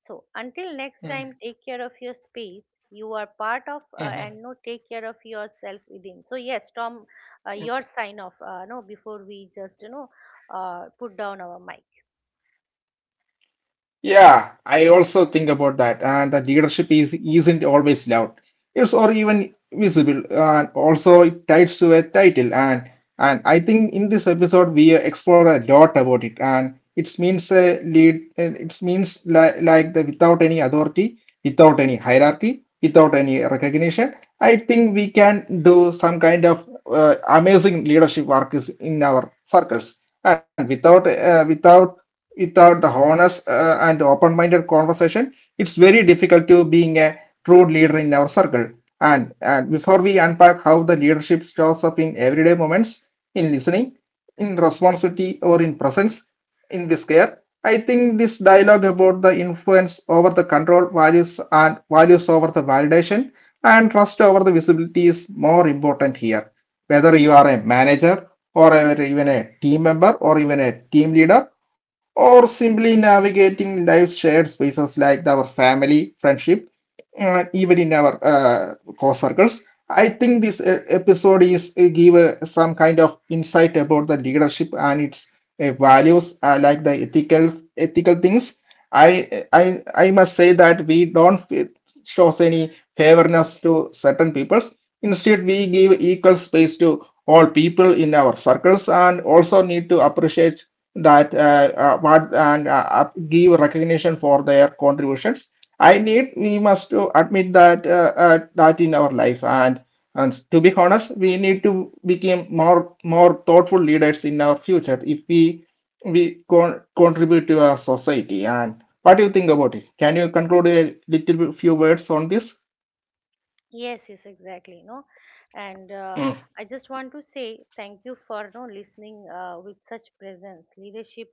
S1: So until next
S2: Mhm.
S1: time, take care of your space you are part of, uh,
S2: Mhm.
S1: and no take care of yourself within. So, yes, Tom, uh, your sign off, uh, no, before we just, you know uh, put down our mic.
S2: Yeah, I also think about that. And the leadership is isn't always loud. It's or even visible. And also it ties to a title. And and I think in this episode we explore a lot about it. And it means a lead. It means like like the without any authority, without any hierarchy, without any recognition. I think we can do some kind of uh, amazing leadership work is in our circles. And without uh, without without the honest uh, and open-minded conversation, it's very difficult to being a true leader in our circle. And and before we unpack how the leadership shows up in everyday moments, in listening, in responsibility, or in presence, in this care, I think this dialogue about the influence over the control values and values over the validation and trust over the visibility is more important here. Whether you are a manager or a- even a team member or even a team leader or simply navigating life's shared spaces like our family, friendship, and even in our uh, core circles. I think this uh, episode is uh, give uh, some kind of insight about the leadership and its uh, values, uh, like the ethical ethical things. I I I must say that we don't show any favorness to certain peoples. Instead, we give equal space to all people in our circles and also need to appreciate that uh, uh, what and uh, up- give recognition for their contributions. I need we must to admit that uh, uh, that in our life and and to be honest, we need to become more more thoughtful leaders in our future if we we con- contribute to our society. And what do you think about it? Can you conclude a little bit, few words on this?
S1: Yes, yes, exactly. No, and uh,
S2: Mm,
S1: I just want to say thank you for no listening uh, with such presence. Leadership,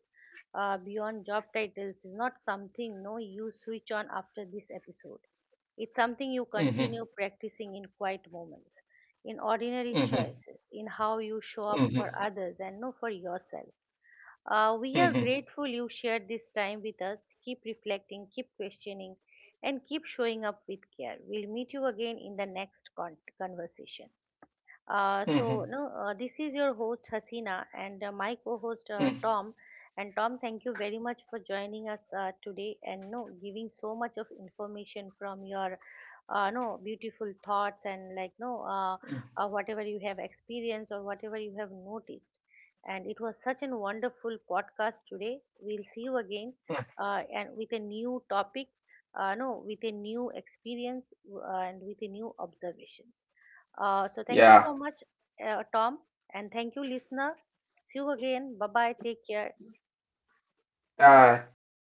S1: uh, beyond job titles, is not something no you switch on after this episode. It's something you
S2: mhm,
S1: continue practicing in quiet moments, in ordinary
S2: mhm,
S1: choices, in how you show up
S2: mhm,
S1: for others and no for yourself. Uh, we
S2: mhm,
S1: are
S2: mhm,
S1: grateful you shared this time with us. Keep reflecting, keep questioning, and keep showing up with care. We'll meet you again in the next con- conversation. Uh,
S2: mhm,
S1: so, no, uh, this is your host Hasina and uh, my co-host, uh,
S2: mhm.
S1: Tom. And Tom, thank you very much for joining us uh, today and no giving so much of information from your uh, no beautiful thoughts, and like no uh,
S2: Mhm.
S1: uh, whatever you have experienced or whatever you have noticed. And it was such a wonderful podcast today. We'll see you again, uh, and with a new topic, uh, no, with a new experience, uh, and with a new observations. Uh, so thank you
S2: Yeah.
S1: so much, uh, Tom, and thank you, listener. See you again. Bye bye. Take care.
S2: Uh, Thank you so much,